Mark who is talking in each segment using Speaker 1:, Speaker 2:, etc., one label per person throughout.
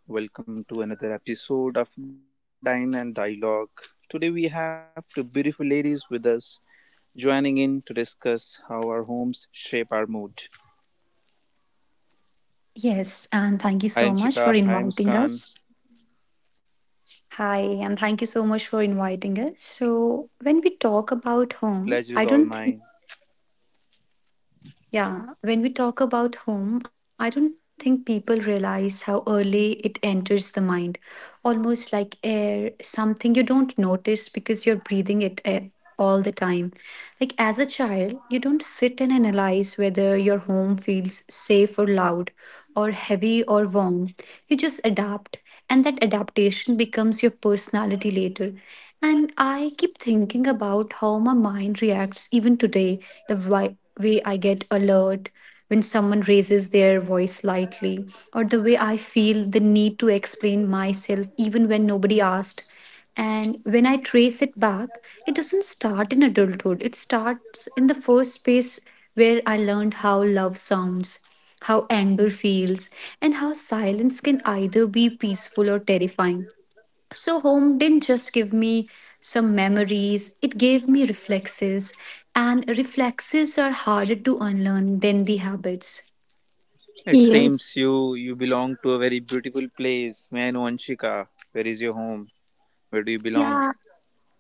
Speaker 1: Hello everyone, welcome to another episode of Dine and Dialogue. Today we have two beautiful ladies with us joining in to discuss how our homes shape our mood.
Speaker 2: Yes, and thank you so
Speaker 1: Hi
Speaker 2: much for
Speaker 1: Anshika, hi
Speaker 2: inviting us.
Speaker 1: Muskan,
Speaker 2: Hi, and thank you so much for inviting us. So, when we talk about home,
Speaker 1: pleasure
Speaker 2: I
Speaker 1: is all
Speaker 2: don't think...
Speaker 1: mine.
Speaker 2: Yeah, when we talk about home, I don't think people realize how early it enters the mind. Almost like air, something you don't notice because you're breathing it all the time. Like as a child, you don't sit and analyze whether your home feels safe or loud, or heavy or warm. You just adapt, and that adaptation becomes your personality later. And I keep thinking about how my mind reacts even today, the way I get alert when someone raises their voice slightly, or the way I feel the need to explain myself even when nobody asked. And when I trace it back, it doesn't start in adulthood. It starts in the first space where I learned how love sounds, how anger feels, and how silence can either be peaceful or terrifying. So, home didn't just give me some memories, it gave me reflexes, and reflexes are harder to unlearn than the habits.
Speaker 1: It seems
Speaker 3: Yes.
Speaker 1: you belong to a very beautiful place. May I know Anshika, where is your home? Where do you belong?
Speaker 2: Yeah,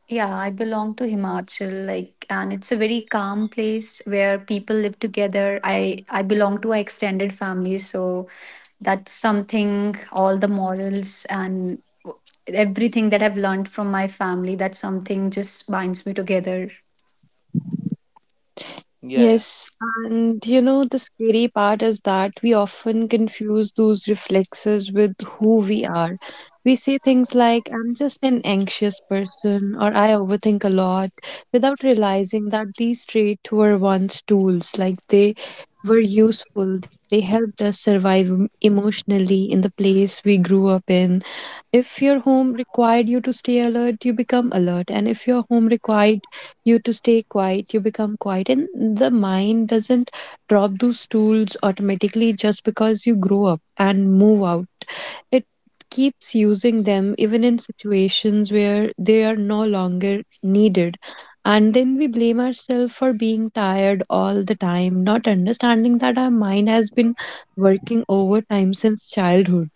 Speaker 2: yeah, I belong to Himachal, like, and it's a very calm place where people live together. I belong to an extended family, so that's something. All the morals and everything that I've learned from my family, that's something just binds me together.
Speaker 1: Yeah, yeah.
Speaker 3: Yes, and you know, the scary part is that we often confuse those reflexes with who we are. We say things like, I'm just an anxious person, or I overthink a lot, without realizing that these traits were once tools, like they were useful, they helped us survive emotionally in the place we grew up in. If your home required you to stay alert, you become alert, and if your home required you to stay quiet, you become quiet. And the mind doesn't drop those tools automatically just because you grow up and move out. It keeps using them even in situations where they are no longer needed, and then we blame ourselves for being tired all the time, not understanding that our mind has been working overtime since childhood.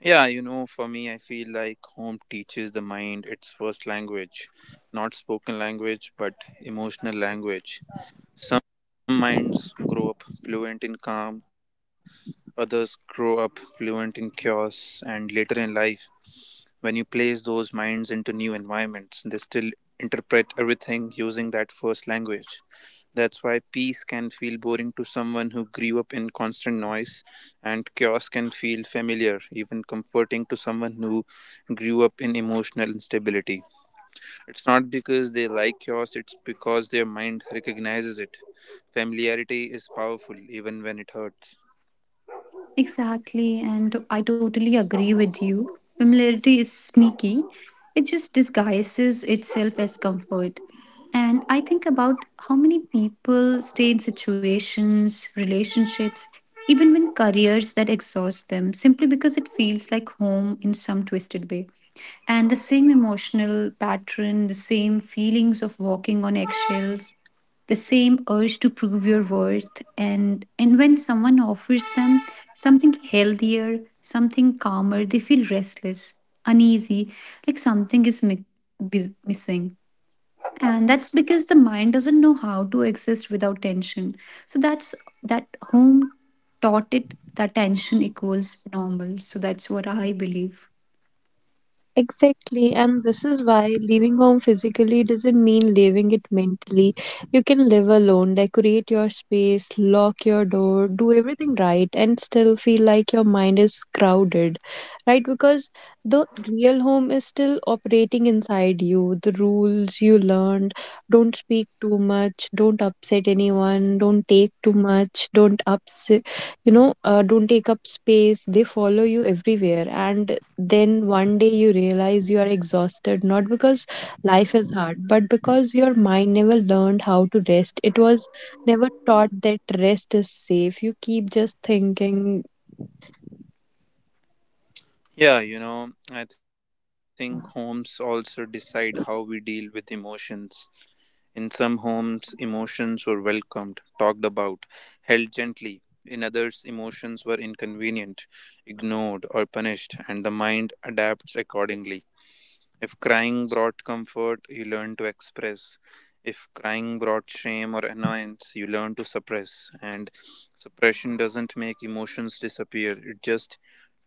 Speaker 1: Yeah, you know, for me, I feel like home teaches the mind its first language, not spoken language, but emotional language. Some minds grow up fluent in calm, others grow up fluent in chaos, and later in life, when you place those minds into new environments, they still interpret everything using that first language. That's why peace can feel boring to someone who grew up in constant noise, and chaos can feel familiar, even comforting to someone who grew up in emotional instability. It's not because they like chaos, it's because their mind recognizes it. Familiarity is powerful, even when it hurts.
Speaker 2: Exactly, and I totally agree with you. Familiarity is sneaky, it just disguises itself as comfort. And I think about how many people stay in situations, relationships, even when careers that exhaust them simply because it feels like home in some twisted way. And the same emotional pattern, the same feelings of walking on eggshells, the same urge to prove your worth, and when someone offers them something healthier, something calmer, they feel restless, uneasy, like something is missing. And that's because the mind doesn't know how to exist without tension. So that's, that, home taught it that tension equals normal. So that's what I believe.
Speaker 3: Exactly, and this is why leaving home physically doesn't mean leaving it mentally. You can live alone, decorate your space, lock your door, do everything right, and still feel like your mind is crowded, right? Because the real home is still operating inside you. The rules you learned, don't speak too much, don't upset anyone, don't take too much, don't ups- you know don't take up space, they follow you everywhere. And then one day you realize you are exhausted, not because life is hard, but because your mind never learned how to rest. It was never taught that rest is safe. You keep just thinking,
Speaker 1: Yeah, you know, I think homes also decide how we deal with emotions. In some homes, emotions were welcomed, talked about, held gently. In others, emotions were inconvenient, ignored, or punished, and the mind adapts accordingly. If crying brought comfort, you learn to express. If crying brought shame or annoyance, you learn to suppress. And suppression doesn't make emotions disappear, it just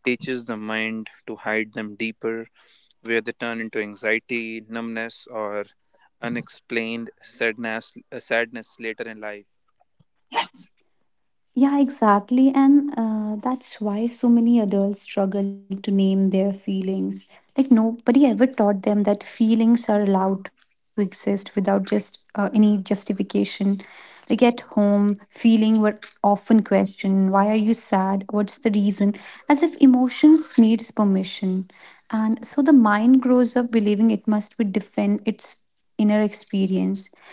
Speaker 1: teaches the mind to hide them deeper, where they turn into anxiety, numbness, or unexplained sadness later in life.
Speaker 2: Yeah, exactly. And that's why so many adults struggle to name their feelings. Like, nobody ever taught them that feelings are allowed to exist without just any justification. Like, at home, feeling were often questioned, why are you sad? What's the reason? As if emotions needs permission. And so the mind grows up believing it must be defend its inner experience.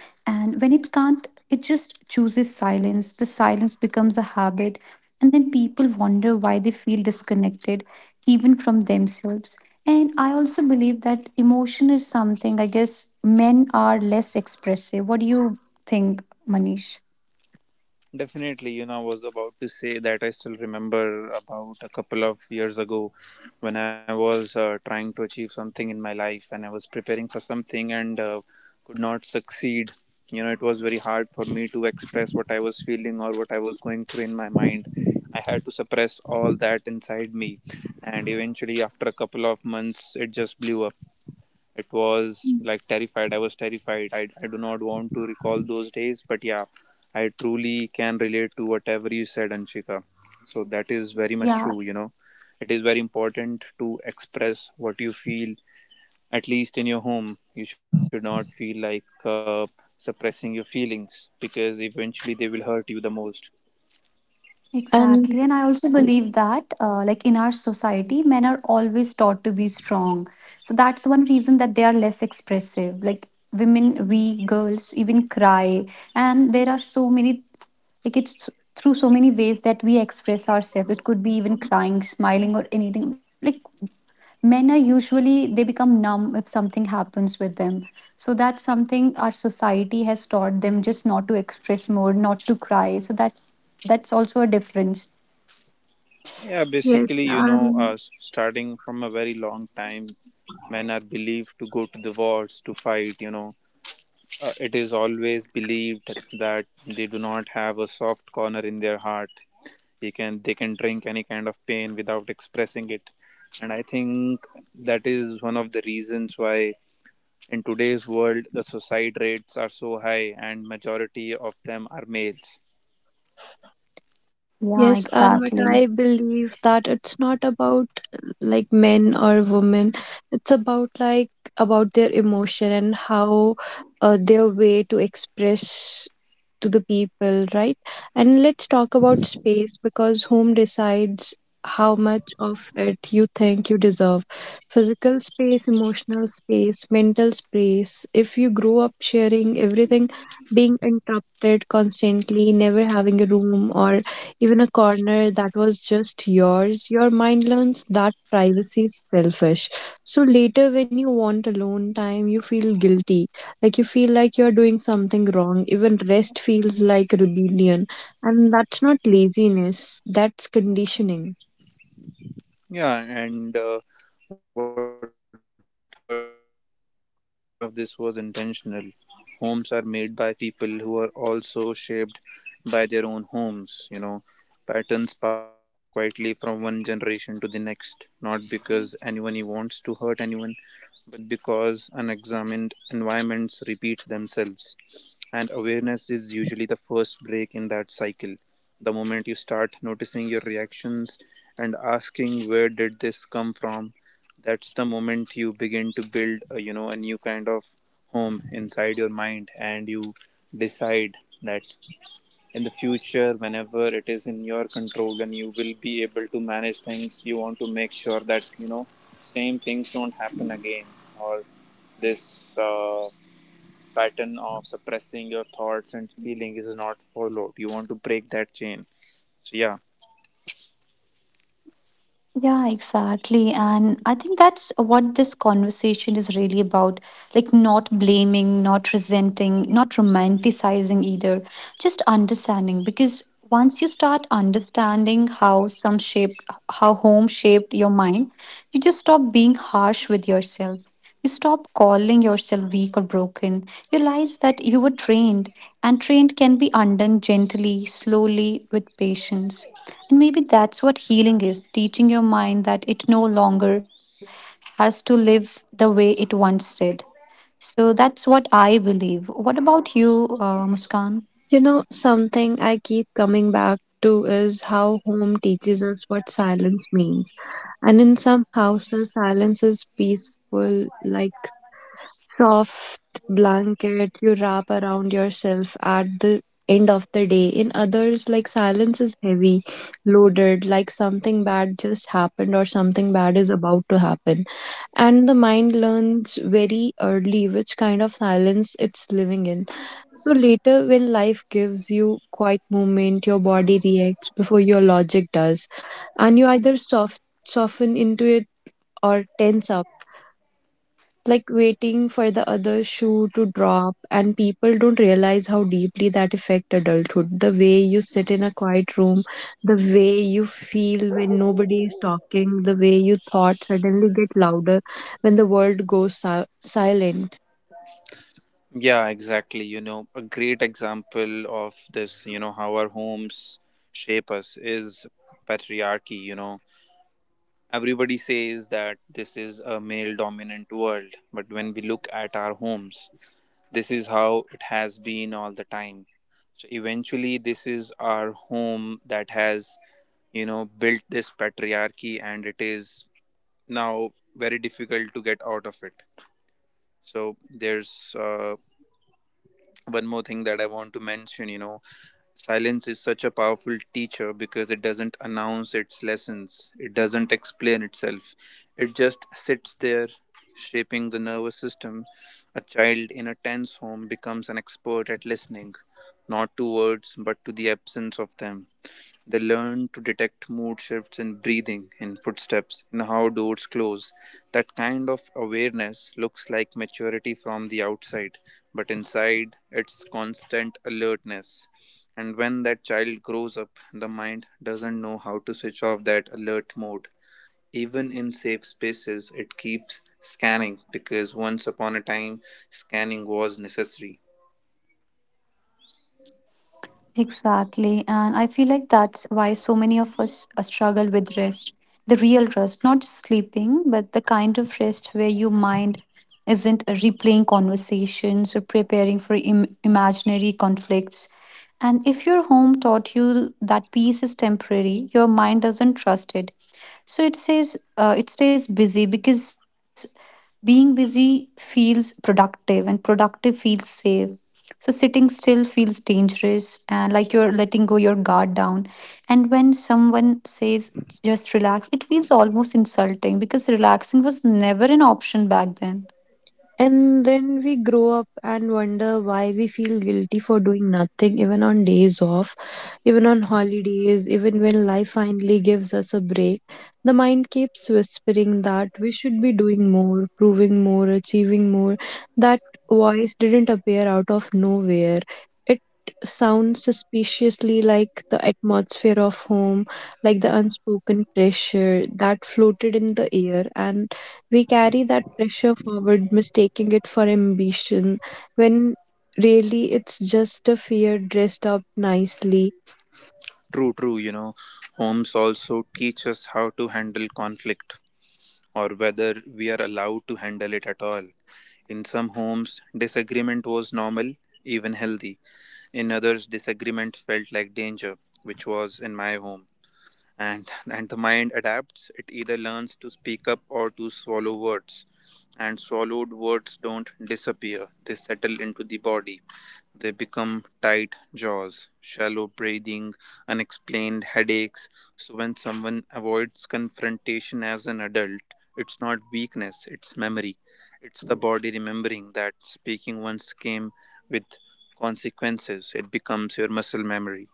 Speaker 2: And when it can't, it just chooses silence. The silence becomes a habit, and then people wonder why they feel disconnected, even from themselves. And I also believe that emotion is something, I guess, men are less expressive. What do you think, Manish?
Speaker 1: Definitely, you know, I was about to say that I still remember about a couple of years ago when I was trying to achieve something in my life and I was preparing for something and could not succeed. You know, it was very hard for me to express what I was feeling or what I was going through in my mind. I had to suppress all that inside me, and eventually, after a couple of months, it just blew up. It was like terrified, I was terrified. I do not want to recall those days, but yeah, I truly can relate to whatever you said, Anshika. So that is very much
Speaker 2: Yeah,
Speaker 1: true, you know, it is very important to express what you feel. At least in your home you should not feel like suppressing your feelings, because eventually they will hurt you the most.
Speaker 3: and
Speaker 2: exactly. And I also believe that, like in our society, men are always taught to be strong. So that's one reason that they are less expressive. Like women, we girls even cry. And there are so many, like, it's through so many ways that we express ourselves. It could be even crying, smiling, or anything. Like, men are usually, they become numb if something happens with them. So that's something our society has taught them, just not to express more, not to cry. So that's also a difference.
Speaker 1: Yeah,
Speaker 3: yes
Speaker 1: basically, you know,
Speaker 3: um
Speaker 1: starting from a very long time, men are believed to go to the wars to fight, you know. It is always believed that they do not have a soft corner in their heart. They can drink any kind of pain without expressing it, and I think that is one of the reasons why in today's world the suicide rates are so high and majority of them are males.
Speaker 2: Yeah, exactly.
Speaker 3: yes, and what I believe, that it's not about like men or women, it's about like about their emotion and how their way to express to the people, right? And let's talk about space, because home decides how much of it you think you deserve: physical space, emotional space, mental space. If you grow up sharing everything, being interrupted constantly, never having a room or even a corner that was just yours, your mind learns that privacy is selfish. So later, when you want alone time, you feel guilty, like you feel like you're doing something wrong. Even rest feels like rebellion, and that's not laziness, that's conditioning.
Speaker 1: Yeah, and what hurts the most is that none of this was intentional. Homes are made by people who are also shaped by their own homes, you know. Patterns pass quietly from one generation to the next, not because anyone wants to hurt anyone, but because unexamined environments repeat themselves. And awareness is usually the first break in that cycle. The moment you start noticing your reactions and asking where did this come from, that's the moment you begin to build a, you know, a new kind of home inside your mind, and you decide that in the future, whenever it is in your control and you will be able to manage things, you want to make sure that, you know, same things don't happen again, or this pattern of suppressing your thoughts and feeling is not followed. You want to break that chain. So yeah.
Speaker 2: Yeah, exactly. And I think that's what this conversation is really about. Like, not blaming, not resenting, not romanticizing either, just understanding. Because once you start understanding how some shaped, how home shaped your mind, you just stop being harsh with yourself. You stop calling yourself weak or broken. You realize that you were trained, and trained can be undone gently, slowly, with patience. And maybe that's what healing is, teaching your mind that it no longer has to live the way it once did. So that's what I believe. What about you, Muskan?
Speaker 3: You know, something I keep coming back to is how home teaches us what silence means. And in some houses silence is peaceful, like soft blanket you wrap around yourself at the end of the day. In others, like silence is heavy, loaded, like something bad just happened or something bad is about to happen. And the mind learns very early which kind of silence it's living in. So later, when life gives you quiet moment, your body reacts before your logic does, and you either soften into it or tense up, like waiting for the other shoe to drop. And people don't realize how deeply that affect adulthood, the way you sit in a quiet room, the way you feel when nobody is talking, the way you thoughts suddenly get louder when the world goes silent.
Speaker 1: Yeah, exactly. You know, a great example of this, you know, how our homes shape us is patriarchy, you know. Everybody says that this is a male dominant world, but when we look at our homes, this is how it has been all the time. So eventually this is our home that has, you know, built this patriarchy and it is now very difficult to get out of it. So there's one more thing that I want to mention. You know, silence is such a powerful teacher because it doesn't announce its lessons. It doesn't explain itself. It just sits there, shaping the nervous system. A child in a tense home becomes an expert at listening, not to words but to the absence of them. They learn to detect mood shifts in breathing, in footsteps, in how doors close. That kind of awareness looks like maturity from the outside, but inside it's constant alertness. And when that child grows up, the mind doesn't know how to switch off that alert mode. Even in safe spaces, it keeps scanning because once upon a time, scanning was necessary.
Speaker 2: Exactly. And I feel like that's why so many of us struggle with rest, the real rest, not just sleeping, kind of rest where your mind isn't replaying conversations or preparing for imaginary conflicts. And if your home taught you that peace is temporary, your mind doesn't trust it. So it says, it stays busy because being busy feels productive and productive feels safe. So sitting still feels dangerous and like you're letting go your guard down. And when someone says just relax, it feels almost insulting because relaxing was never an option back then.
Speaker 3: And then we grow up and wonder why we feel guilty for doing nothing, even on days off, even on holidays, even when life finally gives us a break. The mind keeps whispering that we should be doing more, proving more, achieving more. That voice didn't appear out of nowhere. It sounds suspiciously like the atmosphere of home, like the unspoken pressure that floated in the air, and we carry that pressure forward, mistaking it for ambition, when really it's just a fear dressed up nicely.
Speaker 1: True, true, you know, homes also teach us how to handle conflict or whether we are allowed to handle it at all. In some homes, disagreement was normal, even healthy. In others, disagreement felt like danger, which was in my home, and the mind adapts. It either learns to speak up or to swallow words, and swallowed words don't disappear, they settle into the body. They become tight jaws, shallow breathing, unexplained headaches. So when someone avoids confrontation as an adult, it's not weakness, it's memory. It's the body remembering that speaking once came with consequences. It becomes your muscle memory.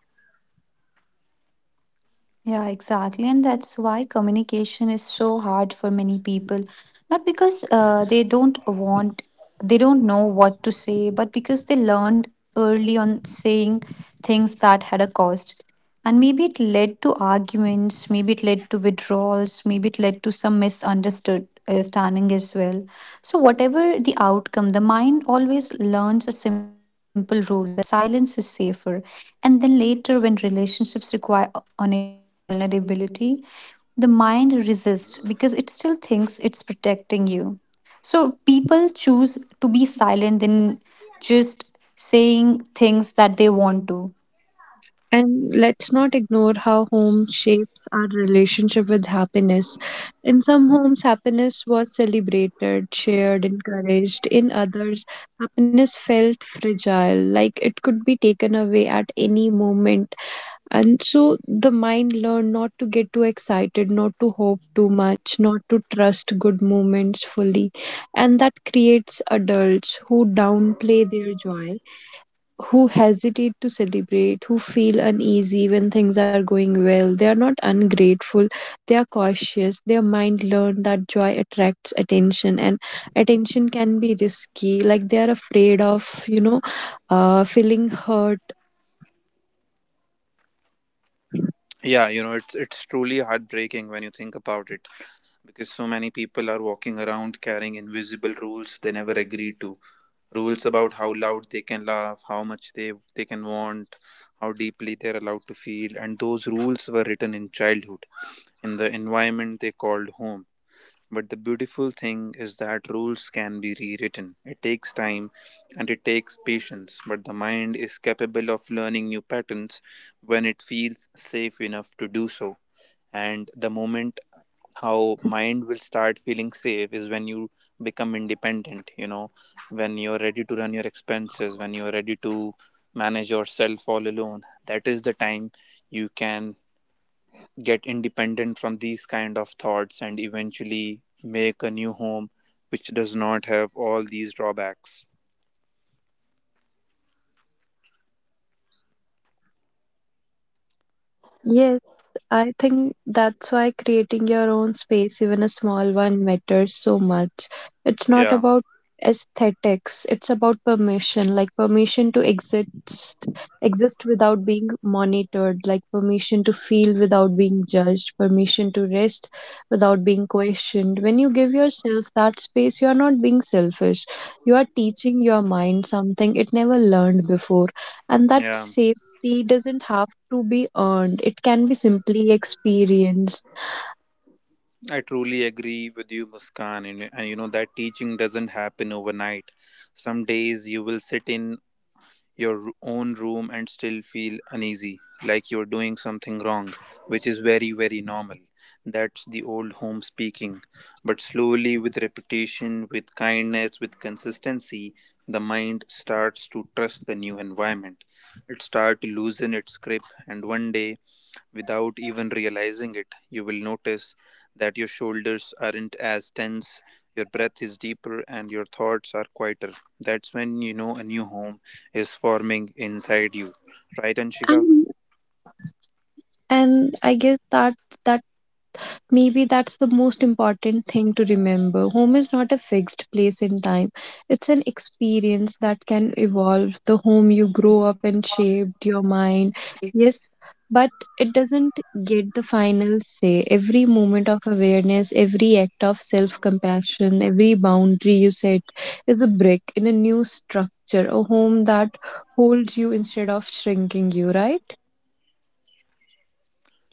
Speaker 2: Yeah, exactly. And that's why communication is so hard for many people. Not because they don't know what to say, but because they learned early on saying things that had a cost. And maybe it led to arguments, maybe it led to withdrawals, maybe it led to some misunderstood standing as well. So, whatever the outcome, the mind always learns a simple rule, that silence is safer. And then later, when relationships require honesty and vulnerability, the mind resists because it still thinks it's protecting you. So people choose to be silent than just saying things that they want to.
Speaker 3: And let's not ignore how home shapes our relationship with happiness. In some homes, happiness was celebrated, shared, encouraged. In others, happiness felt fragile, like it could be taken away at any moment. And so the mind learned not to get too excited, not to hope too much, not to trust good moments fully. And that creates adults who downplay their joy, who hesitate to celebrate, who feel uneasy when things are going well. They are not ungrateful, they are cautious. Their mind learned that joy attracts attention, and attention can be risky. Like they are afraid of, you know, feeling hurt.
Speaker 1: Yeah, you know, it's truly heartbreaking when you think about it, because so many people are walking around carrying invisible rules they never agreed to. Rules about how loud they can laugh, how much they can want, how deeply they're allowed to feel, and those rules were written in childhood, in the environment they called home. But the beautiful thing is that rules can be rewritten. It takes time and it takes patience, but the mind is capable of learning new patterns when it feels safe enough to do so. And the moment how mind will start feeling safe is when you become independent, you know, when you're ready to run your expenses, when you're ready to manage yourself all alone. That is the time you can get independent from these kind of thoughts and eventually make a new home which does not have all these drawbacks.
Speaker 3: Yes. I think that's why creating your own space, even a small one, matters so much. It's not
Speaker 1: Yeah.
Speaker 3: about aesthetics, it's about permission, like permission to exist, exist without being monitored, like permission to feel without being judged, permission to rest without being questioned. When you give yourself that space, you are not being selfish. You are teaching your mind something it never learned before. And that
Speaker 1: Yeah,
Speaker 3: safety doesn't have to be earned. It can be simply experienced.
Speaker 1: I truly agree with you, Muskan, and,
Speaker 2: Yes,
Speaker 1: and you know that teaching doesn't happen overnight. Some days you will sit in your own room and still feel uneasy, like you're doing something wrong, which is very, very normal. That's the old home speaking. But slowly, with repetition, with kindness, with consistency, the mind starts to trust the new environment. It starts to loosen its grip, and one day, without even realizing it, you will notice that your shoulders aren't as tense, your breath is deeper, and your thoughts are quieter. That's when you know a new home is forming inside you. Right, Anshika?
Speaker 3: And and I guess that maybe that's the most important thing to remember. Home is not a fixed place in time, it's an experience that can evolve. The home you grow up in
Speaker 2: you grow
Speaker 3: shaped your
Speaker 2: up
Speaker 3: mind.
Speaker 2: with.
Speaker 3: Yes, but it doesn't get the final say. Every moment of awareness, every act of self compassion, every boundary you set is a brick in a new structure, a home that holds you instead of shrinking you, right?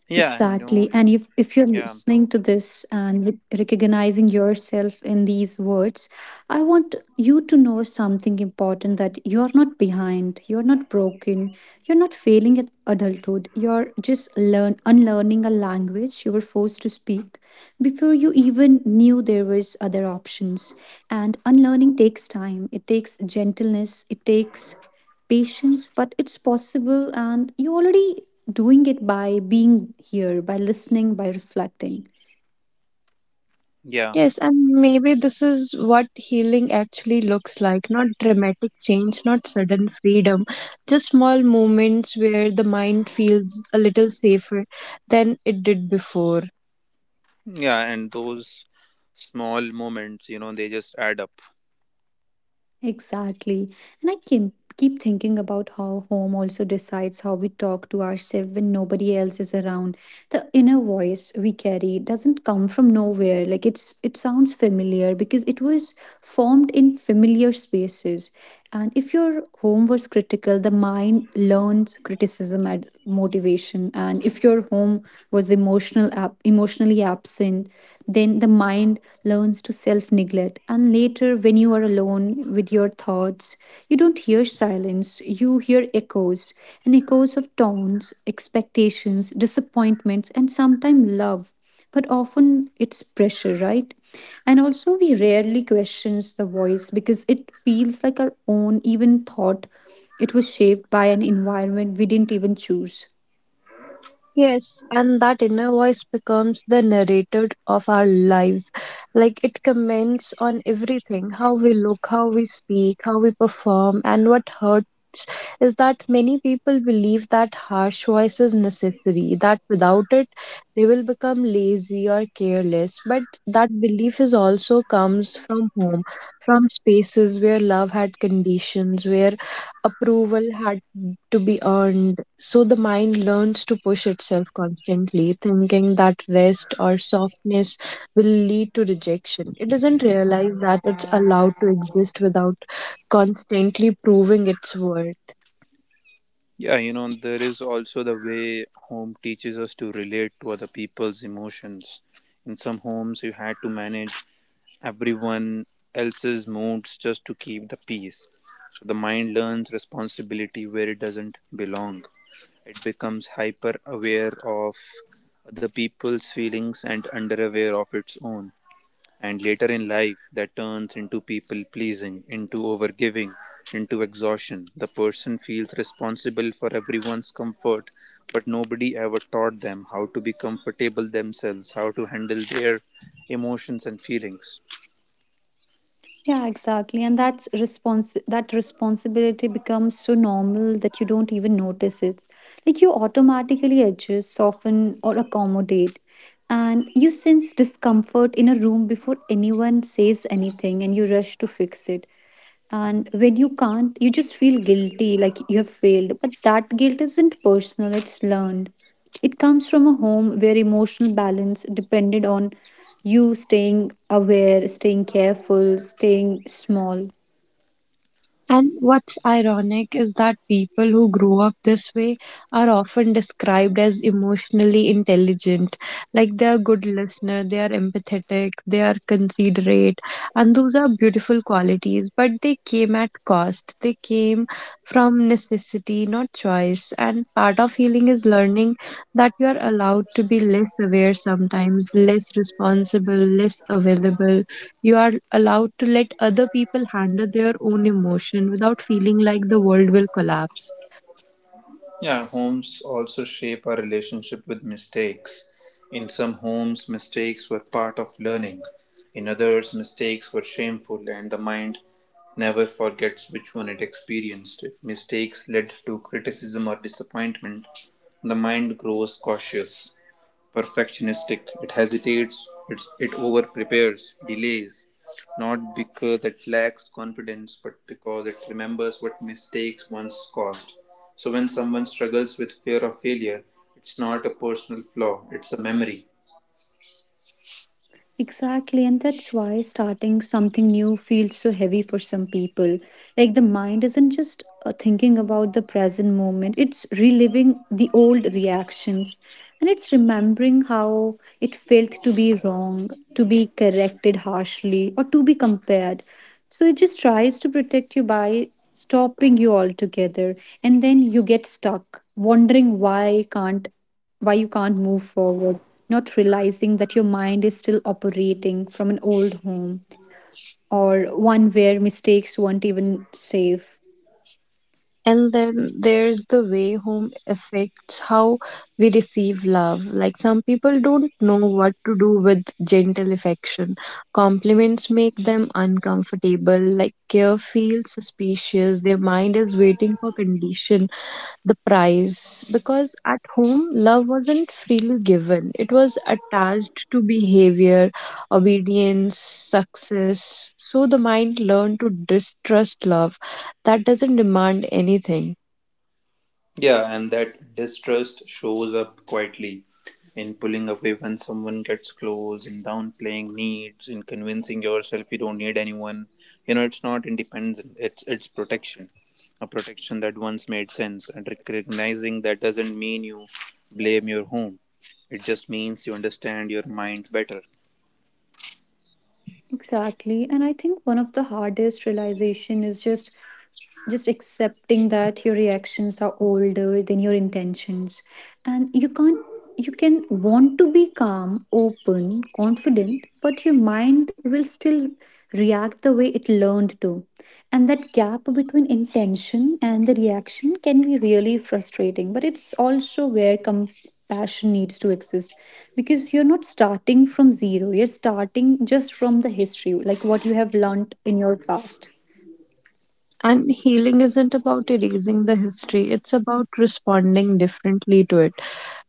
Speaker 1: Yeah, I
Speaker 2: Exactly.
Speaker 1: know.
Speaker 2: And if you're
Speaker 1: Yeah,
Speaker 2: listening to this and recognizing yourself in these words, I want you to know something important, that you're not behind, you're not broken, you're not failing at adulthood. You're just learn unlearning a language you were forced to speak before you even knew there was other options. And unlearning takes time. It takes gentleness. It takes patience, but it's possible, and you're already doing it by being here, by listening, by reflecting.
Speaker 1: yeah,
Speaker 3: Yes, and maybe this is what healing actually looks like, not dramatic change, not sudden freedom, just small moments where the mind feels a little safer than it did before.
Speaker 1: yeah. And those small moments, you know, they just add up.
Speaker 2: Exactly. And I keep thinking about how home also decides how we talk to ourselves when nobody else is around. The inner voice we carry doesn't come from nowhere. Like, it sounds familiar because it was formed in familiar spaces. And if your home was critical, the mind learns criticism as motivation. And if your home was emotional, emotionally absent, then the mind learns to self neglect. And later when you are alone with your thoughts, you don't hear silence, you hear echoes. And echoes of tones, expectations, disappointments, and sometimes love, but often it's pressure, right? And also we rarely questions the voice because it feels like our own, even thought it was shaped by an environment we didn't even choose.
Speaker 3: Yes, and that inner voice becomes the narrator of our lives. Like it comments on everything, how we look, how we speak, how we perform, and what hurts is that many people believe that harsh voice is necessary, that without it they will become lazy or careless. But that belief is also comes from home, from spaces where love had conditions, where approval had to be earned. So the mind learns to push itself constantly, thinking that rest or softness will lead to rejection. It doesn't realize that it's allowed to exist without constantly proving its worth.
Speaker 1: Yeah, you know, there is also the way home teaches us to relate to other people's emotions. In some homes, you had to manage everyone else's moods just to keep the peace. So the mind learns responsibility where it doesn't belong. It becomes hyper aware of other people's feelings and under aware of its own. And later in life, that turns into people pleasing, into overgiving, into exhaustion. The person feels responsible for everyone's comfort, but nobody ever taught them how to be comfortable themselves, how to handle their emotions and feelings.
Speaker 2: Yeah, exactly. And that responsibility becomes so normal that you don't even notice it. Like, you automatically adjust, soften, or accommodate. And you sense discomfort in a room before anyone says anything and you rush to fix it. And when you can't, you just feel guilty, like you have failed. But that guilt isn't personal, it's learned. It comes from a home where emotional balance depended on you staying aware, staying careful, staying small.
Speaker 3: And what's ironic is that people who grow up this way are often described as emotionally intelligent. Like they are good listener, they are empathetic, they are considerate, and those are beautiful qualities, but they came at cost. They came from necessity, not choice. And part of healing is learning that you are allowed to be less aware sometimes, less responsible, less available. You are allowed to let other people handle their own emotion without feeling like the world will collapse.
Speaker 1: Yeah, homes also shape our relationship with mistakes. In some homes, mistakes were part of learning. In others, mistakes were shameful, and the mind never forgets which one it experienced. If mistakes led to criticism or disappointment, the mind grows cautious, perfectionistic. It hesitates, it over prepares, delays, not because it lacks confidence, but because it remembers what mistakes once caused. So when someone struggles with fear of failure, it's not a personal flaw, it's a memory.
Speaker 2: Exactly, and that's why starting something new feels so heavy for some people. Like, the mind isn't just thinking about the present moment, it's reliving the old reactions, and it's remembering how it felt to be wrong, to be corrected harshly, or to be compared. So it just tries to protect you by stopping you altogether, and then you get stuck wondering why you can't move forward, not realizing that your mind is still operating from an old home, or one where mistakes weren't even safe.
Speaker 3: And then there's the way home affects how we receive love. Like some people don't know what to do with gentle affection. Compliments make them uncomfortable, like care feels suspicious, their mind is waiting for condition, the price, because at home love wasn't freely given, it was attached to behavior, obedience, success. So the mind learned to distrust love that doesn't demand anything.
Speaker 1: Yeah, and that distrust shows up quietly in pulling away when someone gets close, in downplaying needs, in convincing yourself you don't need anyone. You know, it's not independence, it's protection. A protection that once made sense, and recognizing that doesn't mean you blame your home. It just means you understand your mind better.
Speaker 2: Exactly. And I think one of the hardest realization is just accepting that your reactions are older than your intentions. And you can't, you can want to be calm, open, confident, but your mind will still react the way it learned to. And that gap between intention and the reaction can be really frustrating, but it's also where compassion needs to exist, because you're not starting from zero, you're starting just from the history, like what you have learned in your past.
Speaker 3: And healing isn't about erasing the history, it's about responding differently to it,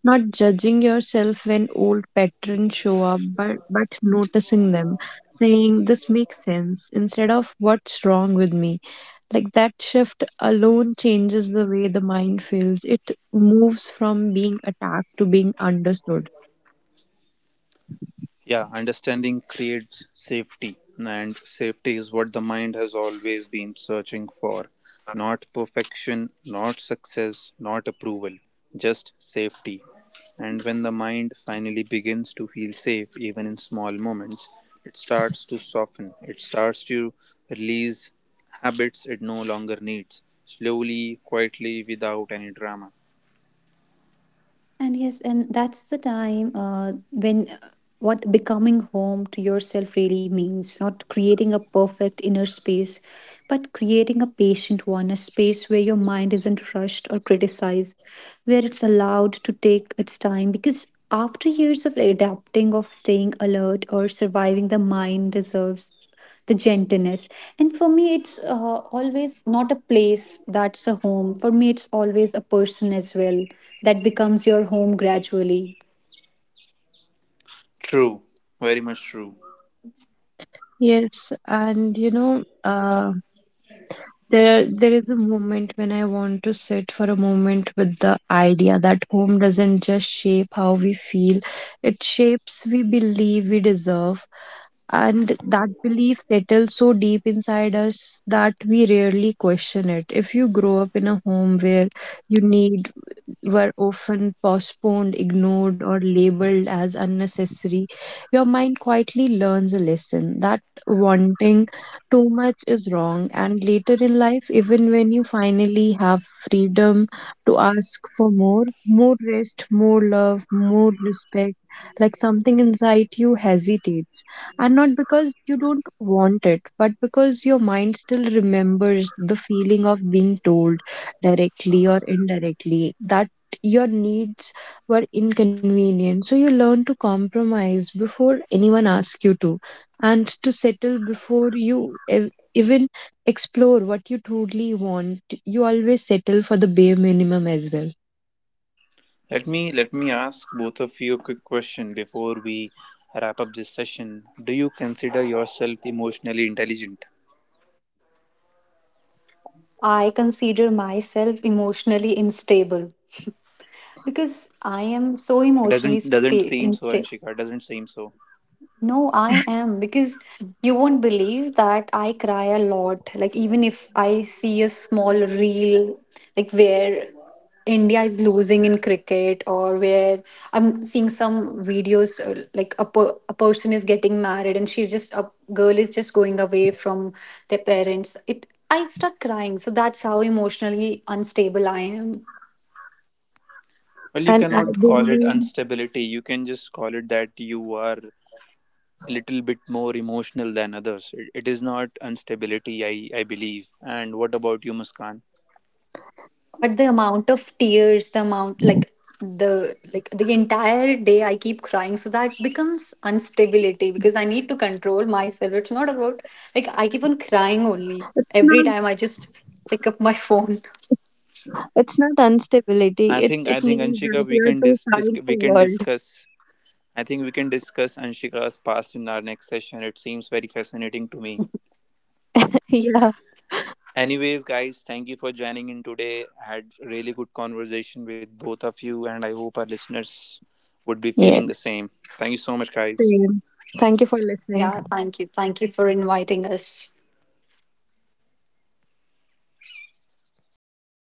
Speaker 3: not judging yourself when old patterns show up, but noticing them, saying this makes sense instead of what's wrong with me. Like that shift alone changes the way the mind feels. It moves from being attacked to being understood.
Speaker 1: Yeah, understanding creates safety, and safety is what the mind has always been searching for. Not perfection, not success, not approval, just safety. And when the mind finally begins to feel safe, even in small moments, it starts to soften, it starts to release habits it no longer needs, slowly, quietly, without any drama.
Speaker 2: And yes, and that's the time when what becoming home to yourself really means, not creating a perfect inner space, but creating a patient one, a space where your mind isn't rushed or criticized, where it's allowed to take its time. Because after years of adapting, of staying alert or surviving, the mind deserves the gentleness. And for me, it's always not a place that's a home. For me, it's always a person as well that becomes your home gradually.
Speaker 1: True, very much true.
Speaker 3: Yes, and you know, there is a moment when I want to sit for a moment with the idea that home doesn't just shape how we feel, it shapes we believe we deserve. And that belief settles so deep inside us that we rarely question it. If you grow up in a home where you need were often postponed, ignored, or labeled as unnecessary, your mind quietly learns a lesson that wanting too much is wrong. And later in life, even when you finally have freedom to ask for more, more rest, more love, more respect, like something inside you hesitates. And not because you don't want it, but because your mind still remembers the feeling of being told directly or indirectly that your needs were inconvenient. So you learn to compromise before anyone asks you to, and to settle before you even explore what you truly want. You always settle for the bare minimum as well.
Speaker 1: Let me ask both of you a quick question before we wrap up this session. Do you consider yourself emotionally intelligent?
Speaker 2: I consider myself emotionally unstable because I am so
Speaker 1: Doesn't doesn't seem so, Anshika. Doesn't seem so.
Speaker 2: No, I am, because you won't believe that I cry a lot. Like, even if I see a small reel, like where India is losing in cricket, or where I'm seeing some videos, like a person is getting married and she's just, a girl is just going away from their parents, it, I start crying. So that's how emotionally unstable I am.
Speaker 1: Well, you
Speaker 3: And
Speaker 1: cannot
Speaker 3: I
Speaker 1: call it
Speaker 3: believe
Speaker 1: instability. You can just call it that you are a little bit more emotional than others. It is not instability, I believe. And what about you, Muskan?
Speaker 2: But the amount of tears, the amount, like the entire day I keep crying. So that becomes instability because I need to control myself. It's not about like I keep on crying only.
Speaker 3: it's not
Speaker 2: Every time I just pick up my phone.
Speaker 3: it's not instability.
Speaker 1: I
Speaker 3: It
Speaker 1: think I
Speaker 3: it
Speaker 1: think
Speaker 3: means
Speaker 1: Anshika,
Speaker 3: that
Speaker 1: we
Speaker 3: you're
Speaker 1: can
Speaker 3: too
Speaker 1: dis, dis
Speaker 3: kind
Speaker 1: we
Speaker 3: for the
Speaker 1: can
Speaker 3: world.
Speaker 1: discuss I think we can discuss Anshika's past in our next session. It seems very fascinating to me.
Speaker 3: Yeah.
Speaker 1: Anyways, guys, thank you for joining in today. I had really good conversation with both of you, and I hope our listeners would be feeling the
Speaker 3: Yes.
Speaker 1: same. Thank you so much, guys.
Speaker 3: Same. Thank you for listening.
Speaker 2: Yeah, thank you. Thank you for inviting us.